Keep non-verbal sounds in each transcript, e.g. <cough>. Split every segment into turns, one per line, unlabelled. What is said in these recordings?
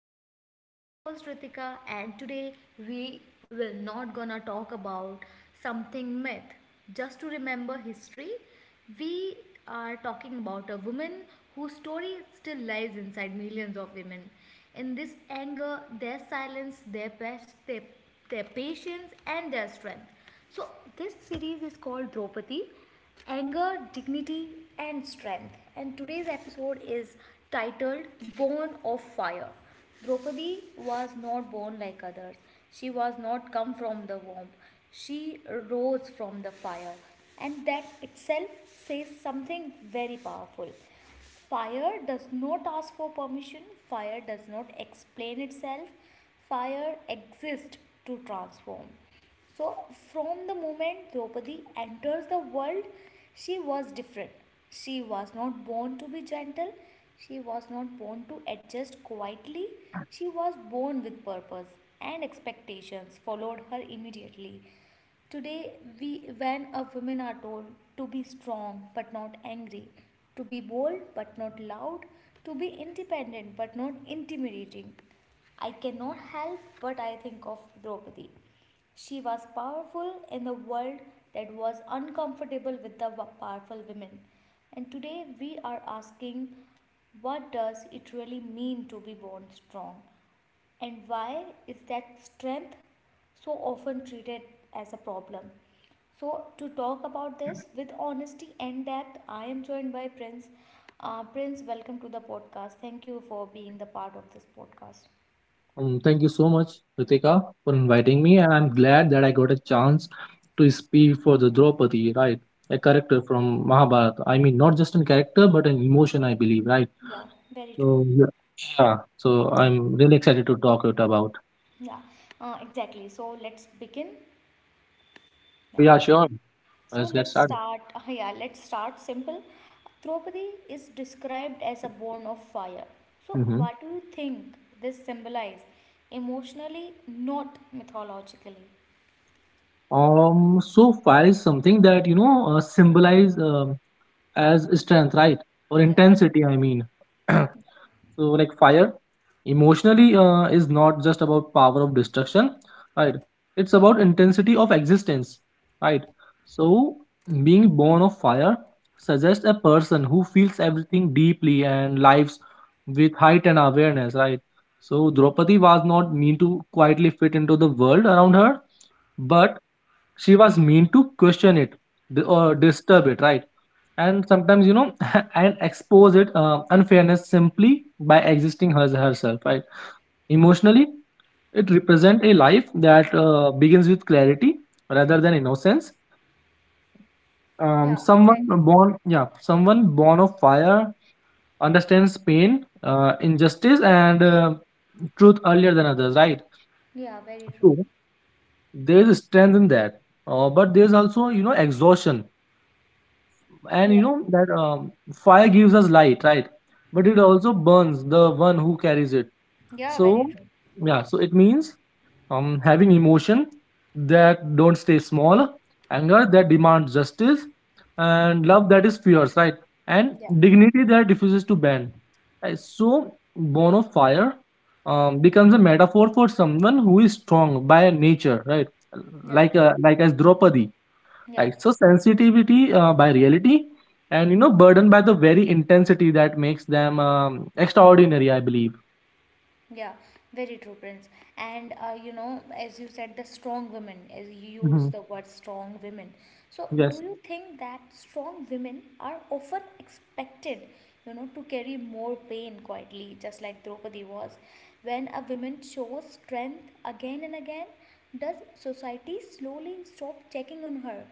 podcast. I am your host Ritika and today we will not gonna talk about something myth. Just to remember history, we are talking about a woman whose story still lies inside millions of women. In this anger, their silence, their past, their patience and their strength. So, this series is called Draupadi Anger, Dignity, and Strength. And today's episode is titled Born of Fire. Draupadi was not born like others, she was not come from the womb, she rose from the fire. And that itself says something very powerful. Fire does not ask for permission, fire does not explain itself, fire exists to transform. So, from the moment Draupadi enters the world, she was different. She was not born to be gentle, she was not born to adjust quietly, she was born with purpose, and expectations followed her immediately. Today, we, when a women are told to be strong but not angry, to be bold but not loud, to be independent but not intimidating, I cannot help but I think of Draupadi. She was powerful in the world that was uncomfortable with the powerful women. And today we are asking what does it really mean to be born strong? And why is that strength so often treated as a problem? So, to talk about this with honesty and depth, I am joined by Prince. Prince, welcome to the podcast. Thank you for being the part of this podcast.
Thank you so much, Ritika, for inviting me, and I'm glad that I got a chance to speak for the Draupadi, right? A character from Mahabharata. I mean, not just in character, but in emotion, I believe, right?
Yeah, very true.
So, yeah. Yeah, so I'm really excited to talk it about.
Yeah, exactly. So, let's begin.
Oh
Yeah.
yeah, sure.
So
Let's get
let's
started.
start. <laughs> Yeah, let's start simple. Draupadi is described as a born of fire. So
hmm
what do you think this symbolizes emotionally, not mythologically?
So fire is something that symbolize as strength, right? Or
Yeah.
intensity, I mean. <clears throat> So, like, fire emotionally is not just about power of destruction, right? It's about intensity of existence, right? So being born of fire suggests a person who feels everything deeply and lives with heightened awareness, right? So Draupadi was not meant to quietly fit into the world around her, but she was mean to question it, or disturb it, right? And sometimes <laughs> and expose it unfairness simply by existing as herself, right? Emotionally, it represents a life that begins with clarity rather than innocence. um,
Yeah,
someone
exactly.
born yeah someone born of fire understands pain, injustice, and truth earlier than others, right?
Yeah, very true.
So there is strength in that, but there's also exhaustion. And you
Yeah.
know that fire gives us light, right? But it also burns the one who carries it.
Yeah,
So,
very true.
yeah, so it means having emotion that don't stay small, anger that demands justice, and love that is fierce, right? And
Yeah.
dignity that refuses to bend, right? So born of fire becomes a metaphor for someone who is strong by nature, right?
Yeah.
Like as Draupadi.
Yeah.
Right. So sensitivity by reality, and burdened by the very intensity that makes them extraordinary, I believe.
Yeah, very true, Prince. And you know, as you said, the strong women, as you
Hmm.
use the word strong women. So, do
Yes.
you think that strong women are often expected, you know, to carry more pain quietly, just like Draupadi was? When a woman shows strength again and again, does society slowly stop checking on her,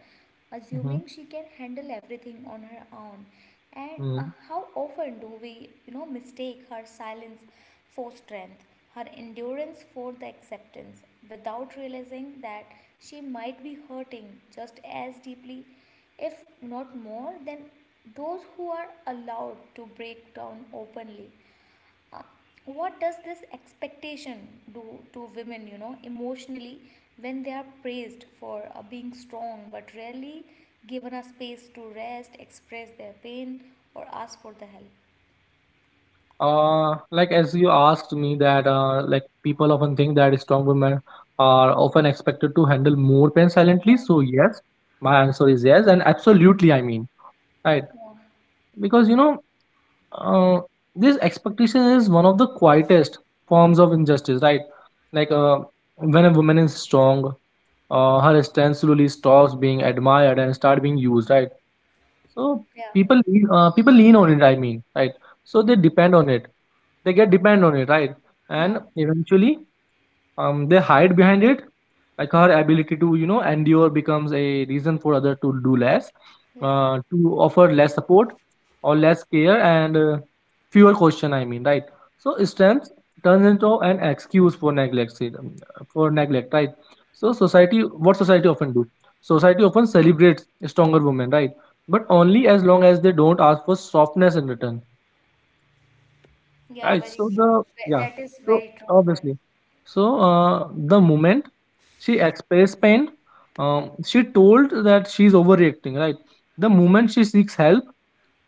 Hmm.
assuming she can handle everything on her own? And
Hmm.
how often do we, you know, mistake her silence for strength, her endurance for the acceptance, without realizing that she might be hurting just as deeply, if not more, than those who are allowed to break down openly. Uh, what does this expectation do to women, you know, emotionally when they are praised for being strong but rarely given a space to rest, express their pain, or ask for the help?
Like as you asked me that, like people often think that strong women are often expected to handle more pain
Yeah,
silently. So yes, my answer is yes, and absolutely, I mean, right?
yeah,
Because uh, this expectation is one of the quietest forms of injustice, right? Like,
yeah,
when a woman is strong, her strength slowly stops being admired and start being used, right? So
yeah,
people lean on it, I mean, right? So they depend on it, they get depend on it, right? And
yeah.
eventually they hide behind it, like her ability to endure becomes a reason for other to do less,
Yeah,
to offer less support or less care, and fewer question, I mean, right? So strength turns into an excuse for neglect, right? So society, what society often do? Society often celebrates stronger women, right? But only as long as they don't ask for softness in return.
yeah,
Right.
very
So
true.
the yeah.
That is
So
very true, Prince.
obviously, so the moment she expressed pain, she told that she's overreacting. Right. The moment she seeks help,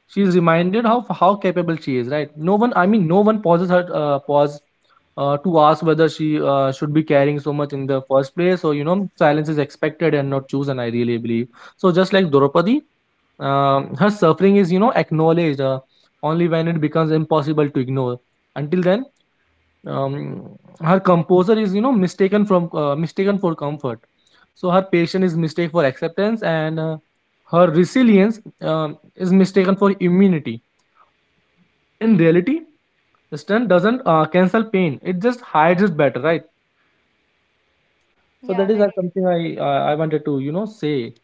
she's reminded of how capable she is. Right. No one. I mean, no one pauses her. Pause. To ask whether she should be carrying so much in the first place, or silence is expected and not chosen. I really believe so. Just like Draupadi, her suffering is, acknowledged only when it becomes impossible to ignore. Until then, um, her composure is, mistaken for comfort. So her patience is mistaken for acceptance, and her resilience is mistaken for immunity. In reality, strength doesn't cancel pain; it just hides it better, right? So
Yeah,
that is
very,
something I wanted to say.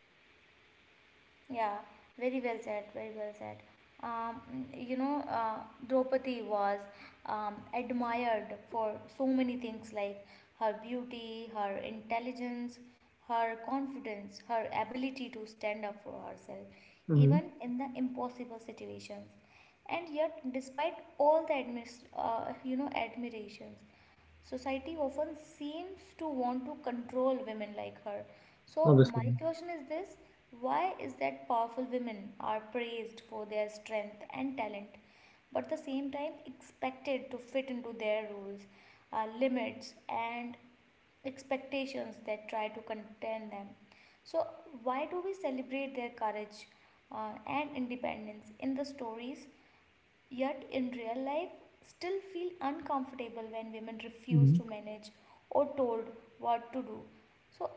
yeah, very well said, very well said. Um, you know, Draupadi was admired for so many things like her beauty, her intelligence, her confidence, her ability to stand up for herself,
Hmm.
even in the impossible situations. And yet, despite all the you know admirations, society often seems to want to control women like her. So, my
Obviously.
question is this: why is that powerful women are praised for their strength and talent, but at the same time expected to fit into their rules, limits, and expectations that try to contain them? So, why do we celebrate their courage and independence in the stories yet in real life still feel uncomfortable when women refuse
Hmm.
to manage or told what to do? So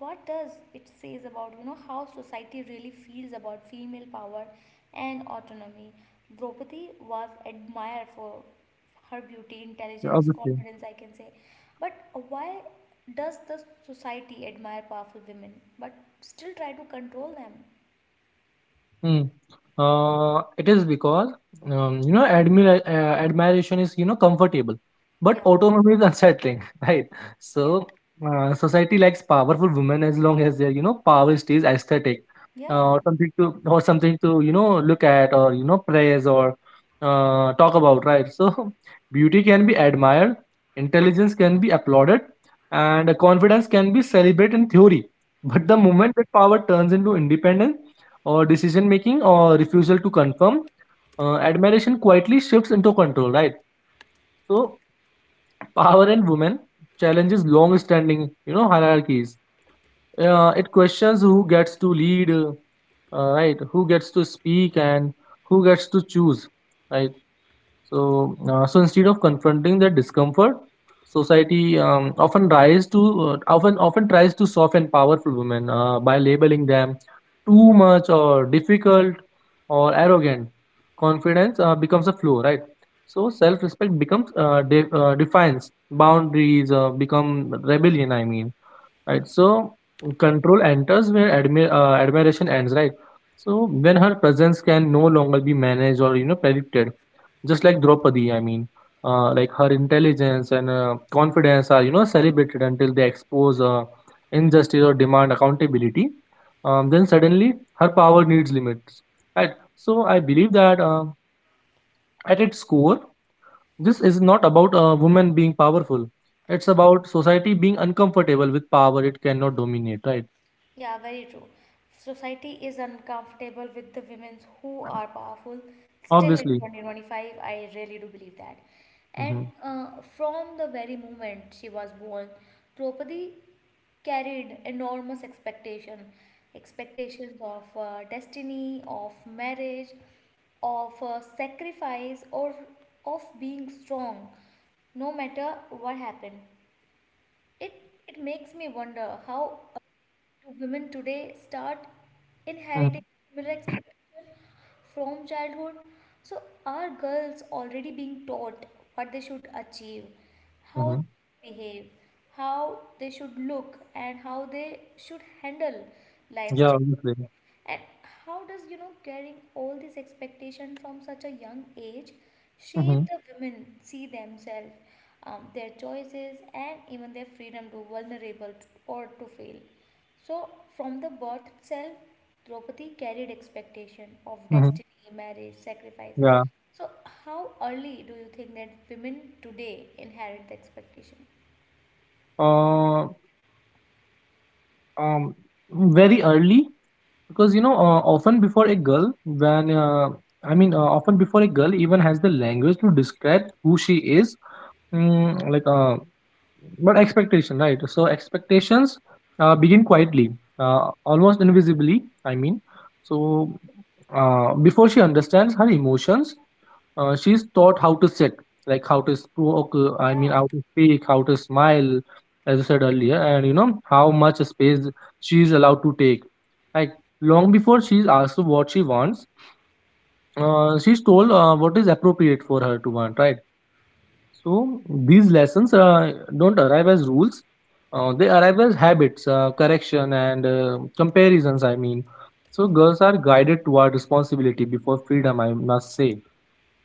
what does it says about you know how society really feels about female power and autonomy? Draupadi was admired for her beauty,
Yeah,
intelligence,
obviously.
confidence, I can say, but why does the society admire powerful women but still try to control them?
Hmm. It is because admiration is comfortable, but
Yeah,
autonomy is unsettling, <laughs> right?
yeah,
So society likes powerful women as long as their power stays aesthetic,
yeah,
something to look at, or praise, or talk about, right? So <laughs> beauty can be admired, intelligence can be applauded, and confidence can be celebrated in theory. But the
yeah.
moment that power turns into independence or decision making or refusal to confirm. Admiration quietly shifts into control, right? So power in women challenges long-standing, hierarchies. It questions who gets to lead, right? Who gets to speak, and who gets to choose, right? So, so instead of confronting that discomfort, society often tries to soften powerful women by labeling them too much or difficult or arrogant. Confidence becomes a flaw, right? So self-respect becomes defines boundaries, become rebellion, I mean, right? So control enters where admiration ends, right? So when her presence can no longer be managed or predicted, just like Draupadi, I mean, like her intelligence and confidence are celebrated until they expose injustice or demand accountability. Then suddenly her power needs limits, right? So I believe that, at its core, this is not about a woman being powerful, it's about society being uncomfortable with power it cannot dominate, right?
Yeah, very true. Society is uncomfortable with the women who are powerful still in
Obviously.
2025. I really do believe that. And
Mhm.
from the very moment she was born, Draupadi carried enormous expectation, expectations of destiny, of marriage, of sacrifice, or of being strong, no matter what happened. It it makes me wonder how do women today start inheriting
Mhm.
similar expectations from childhood. So are girls already being taught what they should achieve, how
Mhm.
they should behave, how they should look, and how they should handle life's?
Yeah, obviously.
And how does, you know, carrying all this expectation from such a young age shape
Mhm.
the women see themselves, their choices, and even their freedom to vulnerable to, or to fail? So, from the birth itself, Draupadi carried expectation of
Mhm.
destiny, marriage, sacrifice.
Yeah.
So, how early do you think that women today inherit the expectation?
Uh, um, Very early, because often before a girl when I mean often before a girl even has the language to describe who she is. Like, but expectation, right? So expectations begin quietly, almost invisibly, I mean. So before she understands her emotions, she's taught how to sit, like I
Yeah.
mean, how to speak, how to smile, as I said earlier, and how much space she's allowed to take. Like, long before she's asked what she wants, she's told what is appropriate for her to want, right? So, these lessons don't arrive as rules, they arrive as habits, correction, and comparisons, I mean. So, girls are guided toward responsibility before freedom, I must say.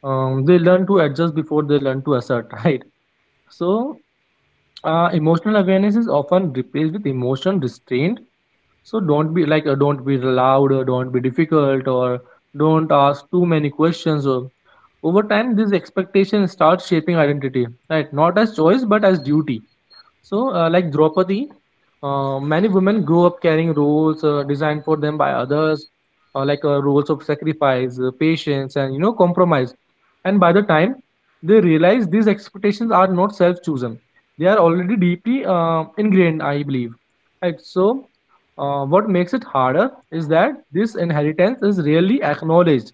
They learn to adjust before they learn to assert, <laughs> right? So, emotional awareness is often replaced with emotion restraint. So, don't be loud, or don't be difficult, or don't ask too many questions. Or over time, this expectation starts shaping identity, right? Not as choice, but as duty. So, like Draupadi, many women grow up carrying roles designed for them by others, like, roles of sacrifice, patience, and compromise. And by the time they realize these expectations are not self-chosen, they are already deeply ingrained, I believe. Right. So, what makes it harder is that this inheritance is rarely acknowledged.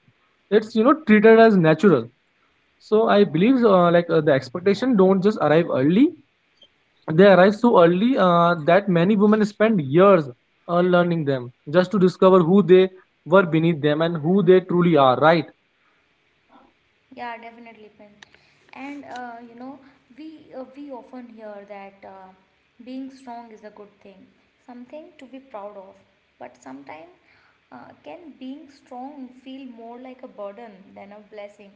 It's treated as natural. So I believe, the expectation don't just arrive early, they arrive so early that many women spend years learning them just to discover who they were beneath them and who they truly are, right?
Yeah, definitely, Prince. And you know, we often hear that being strong is a good thing, something to be proud of. But sometimes, can being strong feel more like a burden than a blessing?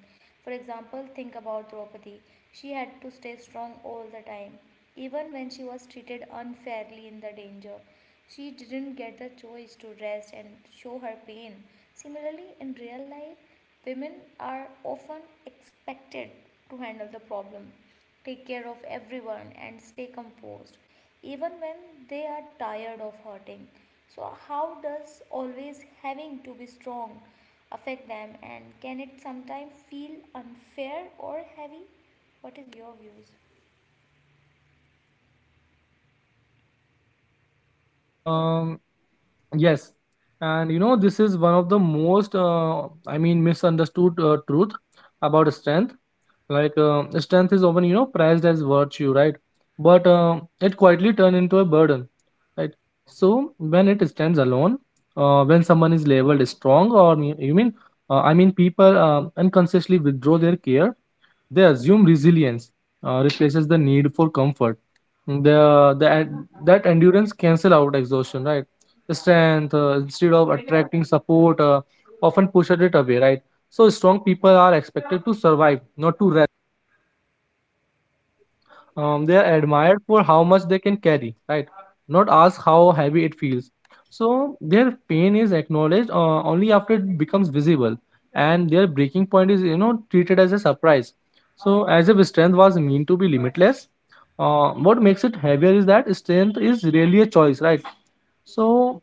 For example, think about Draupadi. She had to stay strong all the time, even when she was treated unfairly in the danger. She didn't get the choice to rest and show her pain. Similarly, in real life, women are often expected to handle the problem, take care of everyone, and stay composed, even when they are tired of hurting. So, how does always having to be strong affect them, and can it sometimes feel unfair or heavy? What is your views?
Um, Yes, and this is one of the most, I mean, misunderstood truth about strength. Like, strength is often prized as virtue, right? But it quietly turns into a burden, right? So when it stands alone, when someone is labeled strong, or I mean, people unconsciously withdraw their care. They assume resilience replaces the need for comfort. The That endurance cancel out exhaustion, right? Strength, instead of attracting support, often pushes it away, right? So strong people are expected to survive, not to they are admired for how much they can carry, right? Not ask how heavy it feels. So their pain is acknowledged only after it becomes visible, and their breaking point is treated as a surprise. So as if strength was meant to be limitless, what makes it heavier is that strength is really a choice, right? So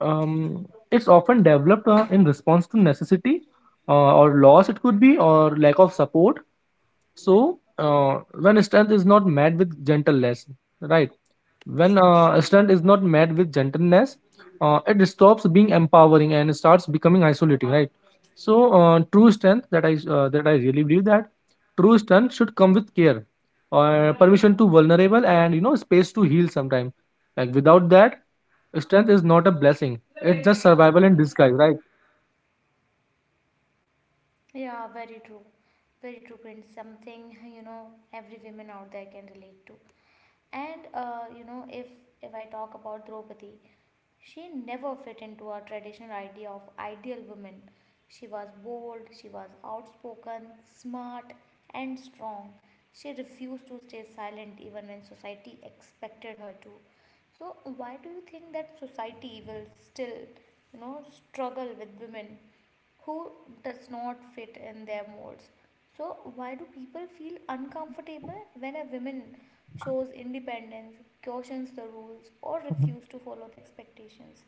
um, it's often developed in response to necessity, or loss, it could be, or lack of support. So when strength is not met with gentleness, right? When strength is not met with gentleness, it stops being empowering and starts becoming isolating, right? So true strength that I really believe that true strength should come with care, permission to vulnerable and space to heal sometime. Like, without that, strength is not a blessing. It's just survival in disguise, right?
Yeah, very true. Very true, Prince. Something, you know, every woman out there can relate to. And, you know, if I talk about Draupadi, she never fit into a traditional idea of ideal woman. She was bold, she was outspoken, smart, and strong. She refused to stay silent even when society expected her to. So, why do you think that society will still, you know, struggle with women who does not fit in their molds. So, why do people feel uncomfortable when a woman shows independence, cautions the rules, or
Mhm.
refuses to follow the expectations?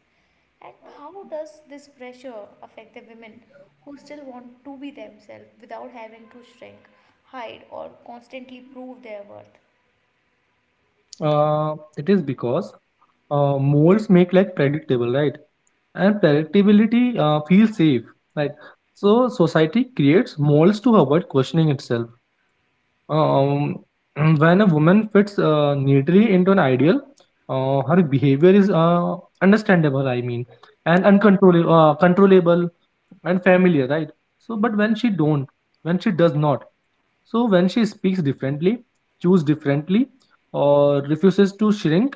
And how does this pressure affect the women who still want to be themselves without having to shrink, hide, or constantly prove their worth?
It is because molds make, like, predictable, right? And predictability feels safe, right? So society creates molds to avoid questioning itself. um, <clears throat> when a woman fits neatly into an ideal, her behavior is understandable, I mean, and uncontrollable controllable, and familiar, right? So but when she does not, so when she speaks differently, choose differently, or refuses to shrink,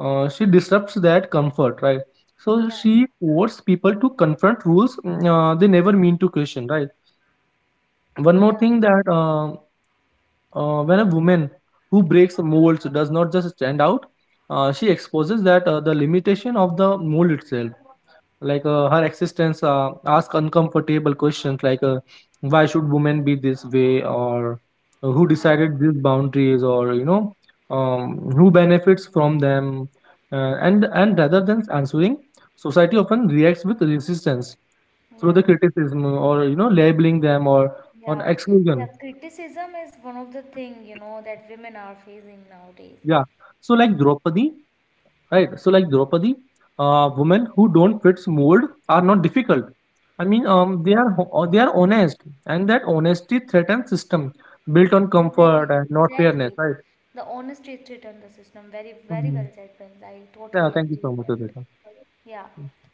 she disrupts that comfort, right? So
Yeah,
she forces people to confront rules they never mean to question, right? One more
yeah,
thing that when a woman who breaks molds does not just stand out, she exposes that the limitation of the mold itself like her existence ask uncomfortable questions like why should women be this way or who
yeah,
decided these boundaries or who benefits from them and rather than answering society often reacts with resistance through
yeah,
the criticism or labeling them or
yeah. Yeah,
exclusion.
criticism is one of the thing, you know, that women are facing nowadays.
Yeah. So like Draupadi, right? So like Draupadi, women who don't fit mold are not difficult.
Yeah.
They are honest, and that honesty threatens system built on comfort
Exactly,
and not fairness,
exactly.
right?
The honest truth return the system. Very, very well
Mhm.
said, Prince. I
Yeah,
totally
thank you
agree
so
with
much,
that.
Aditya.
Yeah.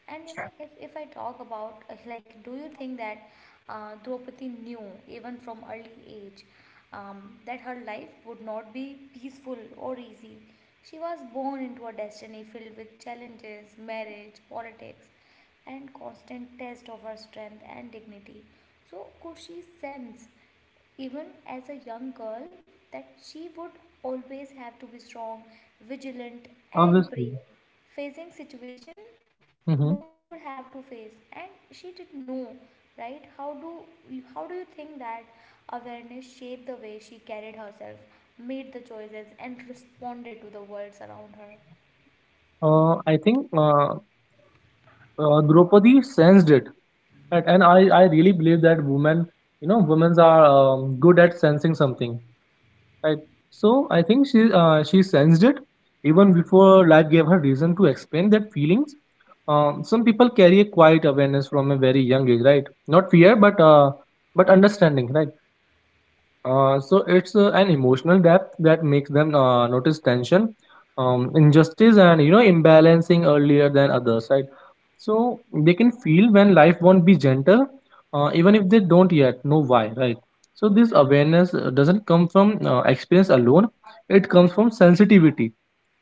And you know, if I talk about, like, do you think that Draupadi knew, even from early age, that her life would not be peaceful or easy? She was born into a destiny filled with challenges, marriage, politics, and constant test of her strength and dignity. So, could she sense even as a young girl, that she would always have to be strong, vigilant, and
Obviously.
brave, facing situation
Hmm.
no one should have to face. And she did know, right? How do you think that awareness shaped the way she carried herself, made the choices, and responded to the worlds around her?
I think Draupadi sensed it, right? And I really believe that women, women are good at sensing something. Right. So I think she sensed it even before life gave her reason to explain that feelings. Some people carry a quiet awareness from a very young age, right? Not fear, but understanding, right? So it's an emotional depth that makes them notice tension, injustice, and imbalancing earlier than others, right? So they can feel when life won't be gentle, even if they don't yet know why, right? So this awareness doesn't come from experience alone; it comes from sensitivity,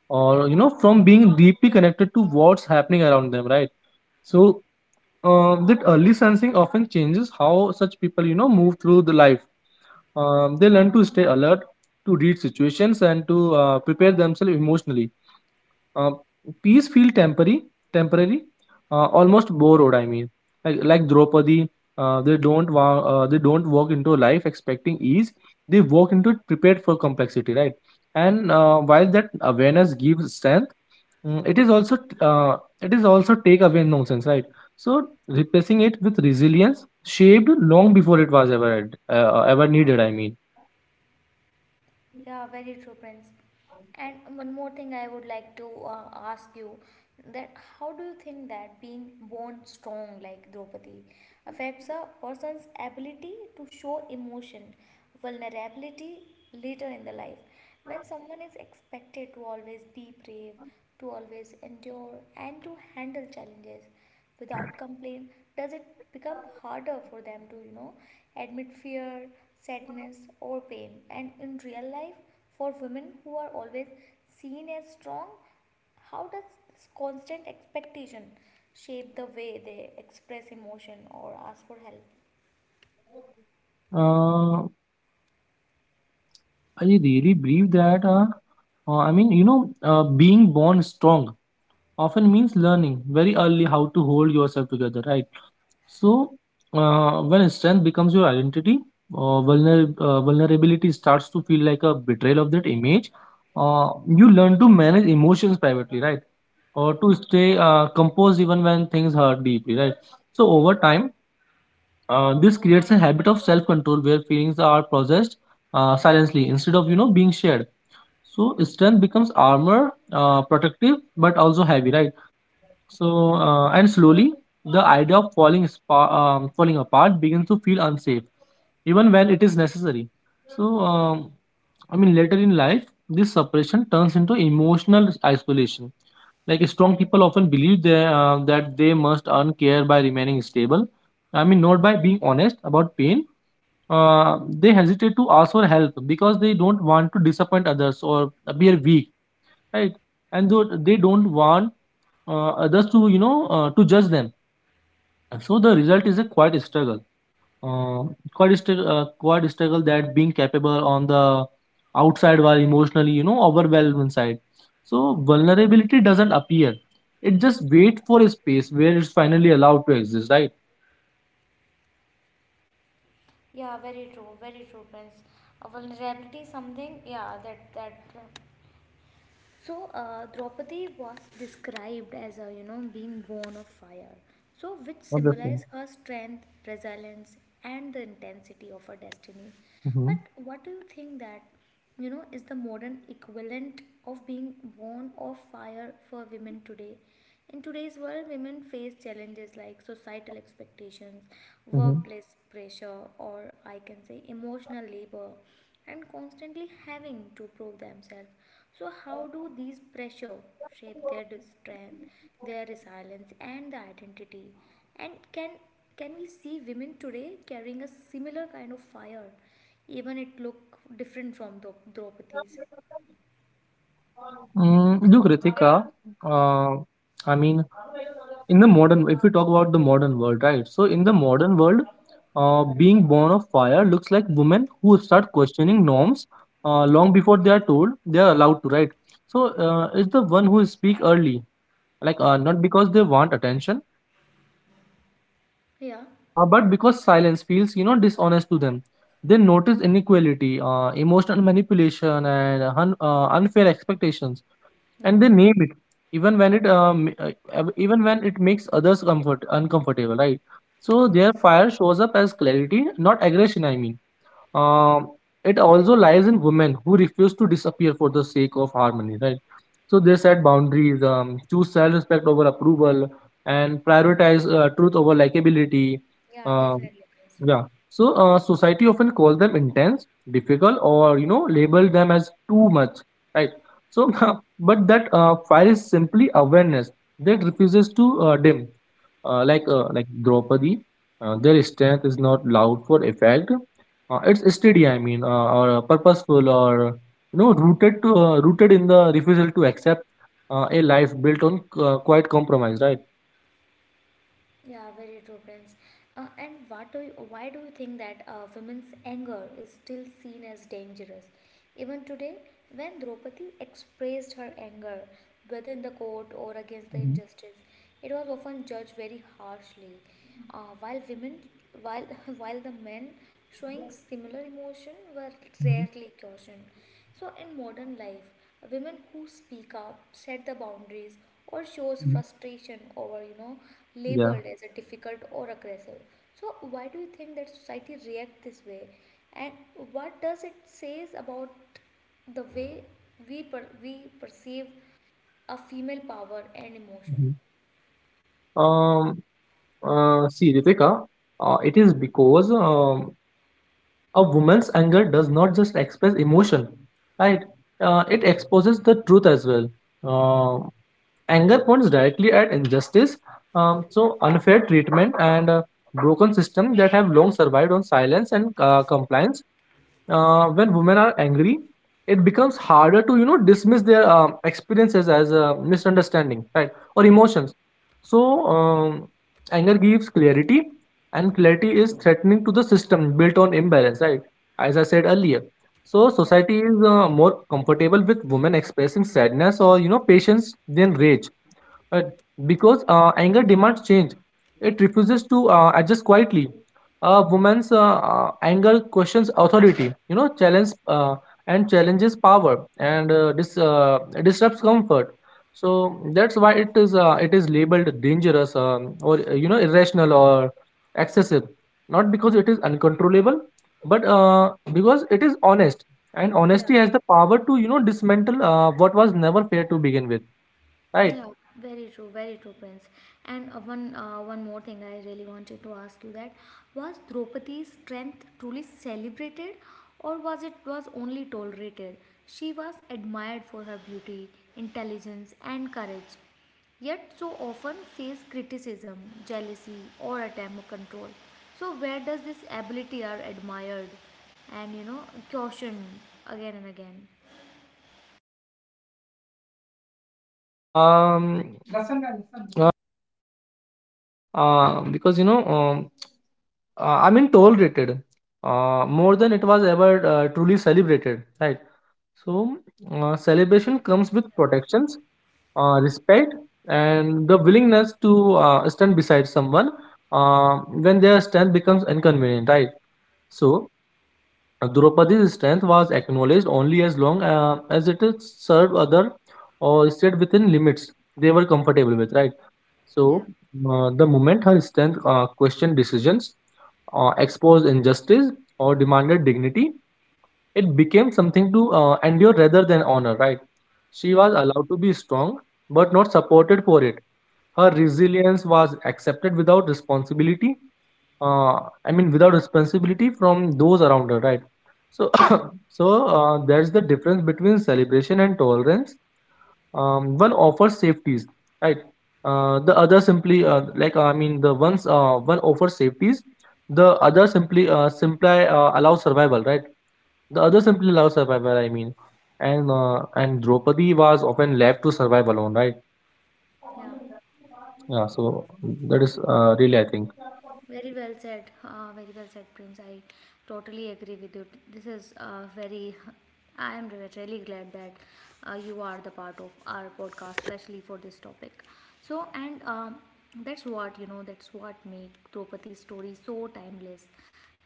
or from being deeply connected to what's happening around them, right? So, that early sensing often changes how such people, move through the life. They learn to stay alert, to read situations, and to prepare themselves emotionally. uh, Peace feel temporary, almost borrowed. Like, like Draupadi, they don't walk into life expecting ease, they walk into it prepared for complexity, right? And while that awareness gives strength, it is also take away nonsense, right? So replacing it with resilience shaped long before it was ever ever needed.
Yeah, very true, Prince. And one more thing I would like to ask you that how do you think that being born strong like Draupadi affects a person's ability to show emotion, vulnerability later in the life? When someone is expected to always be brave, to always endure, and to handle challenges, without complaint, does it become harder for them to you know admit fear, sadness, or pain? And in real life, for women who are always seen as strong, how does this constant expectation shape the way they express emotion or ask for help?
Uh, I really believe that, being born strong often means learning very early how to hold yourself together, right? So, when strength becomes your identity, vulnerability starts to feel like a betrayal of that image. Uh, you learn to manage emotions privately, right? Or to stay composed even when things hurt deeply, right? So, over time, this creates a habit of self control where feelings are processed silently instead of, being shared, so strength becomes armor, protective but also heavy, right? So and slowly the idea of falling apart begins to feel unsafe, even when it is necessary. So, I mean, later in life, this separation turns into emotional isolation. Like strong people often believe that they must earn care by remaining stable. I mean, not by being honest about pain. They hesitate to ask for help because they don't want to disappoint others or appear weak, right? And so they don't want others to to judge them, and so the result is a quiet struggle. uh, Quiet struggle that being capable on the outside while emotionally overwhelmed inside, so vulnerability doesn't appear, it just wait for a space where it's finally allowed to exist, right?
Yeah, very true, very true, Prince. Vulnerability is something, yeah, that that so Draupadi was described as a you know being born of fire, so which
Not the thing.
symbolized her strength, resilience, and the intensity of her destiny. But
Mhm,
what do you think that you know is the modern equivalent of being born of fire for women today? In today's world, women face challenges like societal expectations,
mhm.
workplace pressure, or I can say emotional labor, and constantly having to prove themselves. So, how do these pressure shape strength, their resilience, and the identity? And can we see women today carrying a similar kind of fire, even it look different from the Draupadi's?
Mm, look, Ritika, uh, uh, I mean, in the modern, if we talk about the modern world, right? So in the modern world, being born of fire looks like women who start questioning norms long before they are told they are allowed to, right? So it's the one who speak early, like not because they want attention,
Yeah,
but because silence feels, dishonest to them. They notice inequality, emotional manipulation, and unfair expectations,
yeah,
and they name it even when even when it makes others comfort uncomfortable, right? So their fire shows up as clarity not aggression. Um, it also lies in women who refuse to disappear for the sake of harmony, right? So they set boundaries, choose self-respect over approval, and prioritize truth over likability.
yeah,
um,
definitely. It is.
yeah. So society often calls them intense, difficult, or label them as too much, right? So, <laughs> but that fire is simply awareness that refuses to dim. Uh, like
Yeah.
uh, like Draupadi, their strength is not loud for effect. It's steady. Or purposeful, or rooted in the refusal to accept a life built on quiet compromise, right?
Yeah, very true, Prince. And what do you, why do you think that women's anger is still seen as dangerous? Even today, when Draupadi expressed her anger, whether in the court or against the
Mhm,
injustice, it was often judged very harshly. Uh, while women, while <laughs> while the men showing similar emotion were
mhm,
rarely cautioned. So in modern life, women who speak up, set the boundaries, or shows
mhm.
frustration over you know
Yeah.
labeled as a difficult or aggressive. So why do you think that society react this way, and what does it says about the way we perceive a female power and emotion?
Mhm. Um. See, Ritika, it is because a woman's anger does not just express emotion, right? It exposes the truth as well. Um, anger points directly at injustice, so unfair treatment and broken system that have long survived on silence and compliance. When women are angry it becomes harder to dismiss their experiences as a misunderstanding, right? Or emotions. So um, anger gives clarity, and clarity is threatening to the system built on imbalance, right? As I said earlier. So society is more comfortable with women expressing sadness or patience than rage. uh, because anger demands change, it refuses to adjust quietly. A woman's anger questions authority, challenges power and disrupts comfort. So that's why it is labeled dangerous, or irrational or excessive, not because it is uncontrollable, but because it is honest. And honesty has the power to dismantle what was never fair to begin with, right?
Yeah, very true, Prince. And one more thing I really wanted to ask you that was: Draupadi's strength truly celebrated, or was it was only tolerated? She was admired for her beauty, intelligence, and courage, yet so often faced criticism, jealousy, or attempt at control. So where does this ability are admired, and you know cautioned again and again?
Um, uh, because I mean, tolerated more than it was ever truly celebrated, right? So, celebration comes with protections, respect, and the willingness to stand beside someone when their strength becomes inconvenient, right? So, Draupadi's strength was acknowledged only as long as it is served other or stayed within limits they were comfortable with, right? So, the moment her strength questioned decisions, exposed injustice, or demanded dignity, it became something to endure rather than honor, right? She was allowed to be strong but not supported for it. Her resilience was accepted without responsibility. Uh, I mean, without responsibility from those around her, right? So, <coughs> so there's the difference between celebration and tolerance. Um, one offers safeties, right? The other simply like I mean the ones One offers safeties, the other simply allows survival, right? the other simply allows survival I mean and And Draupadi was often left to survive alone, right?
Yeah.
Yeah. So that is really, I think.
Very well said. Very well said, Prince. I totally agree with you. This is very. I am really glad that you are the part of our podcast, especially for this topic. So, and that's what you know. That's what make Draupadi's story so timeless,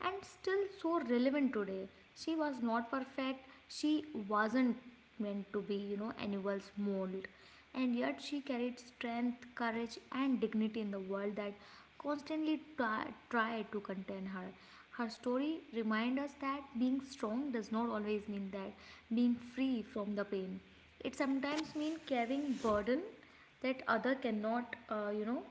and still so relevant today. She was not perfect. She wasn't meant to be, you know, anyone's mold, and yet she carried strength, courage, and dignity in the world that constantly try to contain her. Her story reminds us that being strong does not always mean that being free from the pain. It sometimes means carrying burden that other cannot, you know,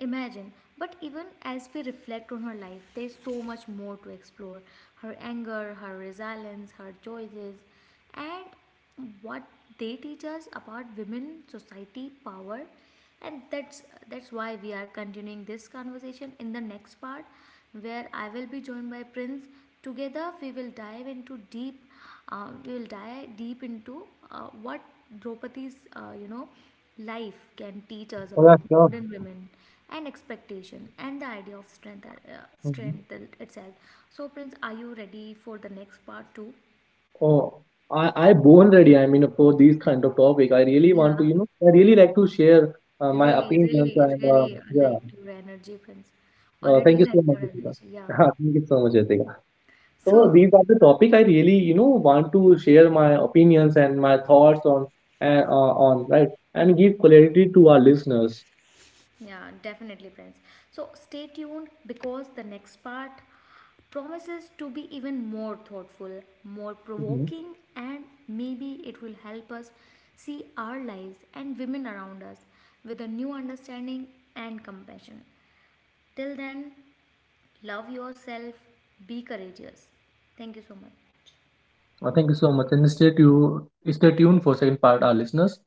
imagine. But even as we reflect on her life, there's so much more to explore: her anger, her resilience, her choices, and what they teach us about women, society, power. And that's why we are continuing this conversation in the next part where I will be joined by Prince. Together we will dive deep into what Draupadi's, you know, life can teach us
Oh, yeah,
about
sure.
modern women and expectation and the idea of strength,
Mhm.
strength itself. So, Prince, are you ready for the next part too?
Oh, I born ready. I mean, for these kind of topic, I really want to,
Yeah,
I really like to share my
really,
opinions
really,
and
really
yeah.
like your energy, Prince.
Thank
Already
you
<laughs> like
so much,
your
Ritika.
energy, yeah.
<laughs> Thank you so much, Ritika. So
So,
these are the topic I really, want to share my opinions and my thoughts on and on right, and give clarity to our listeners.
yeah, definitely, friends. So stay tuned because the next part promises to be even more thoughtful, more
Mhm.
provoking, and maybe it will help us see our lives and women around us with a new understanding and compassion. Till then, love yourself, be courageous. Thank you so much.
Thank you so much, and stay tuned. Stay tuned for second part, our listeners.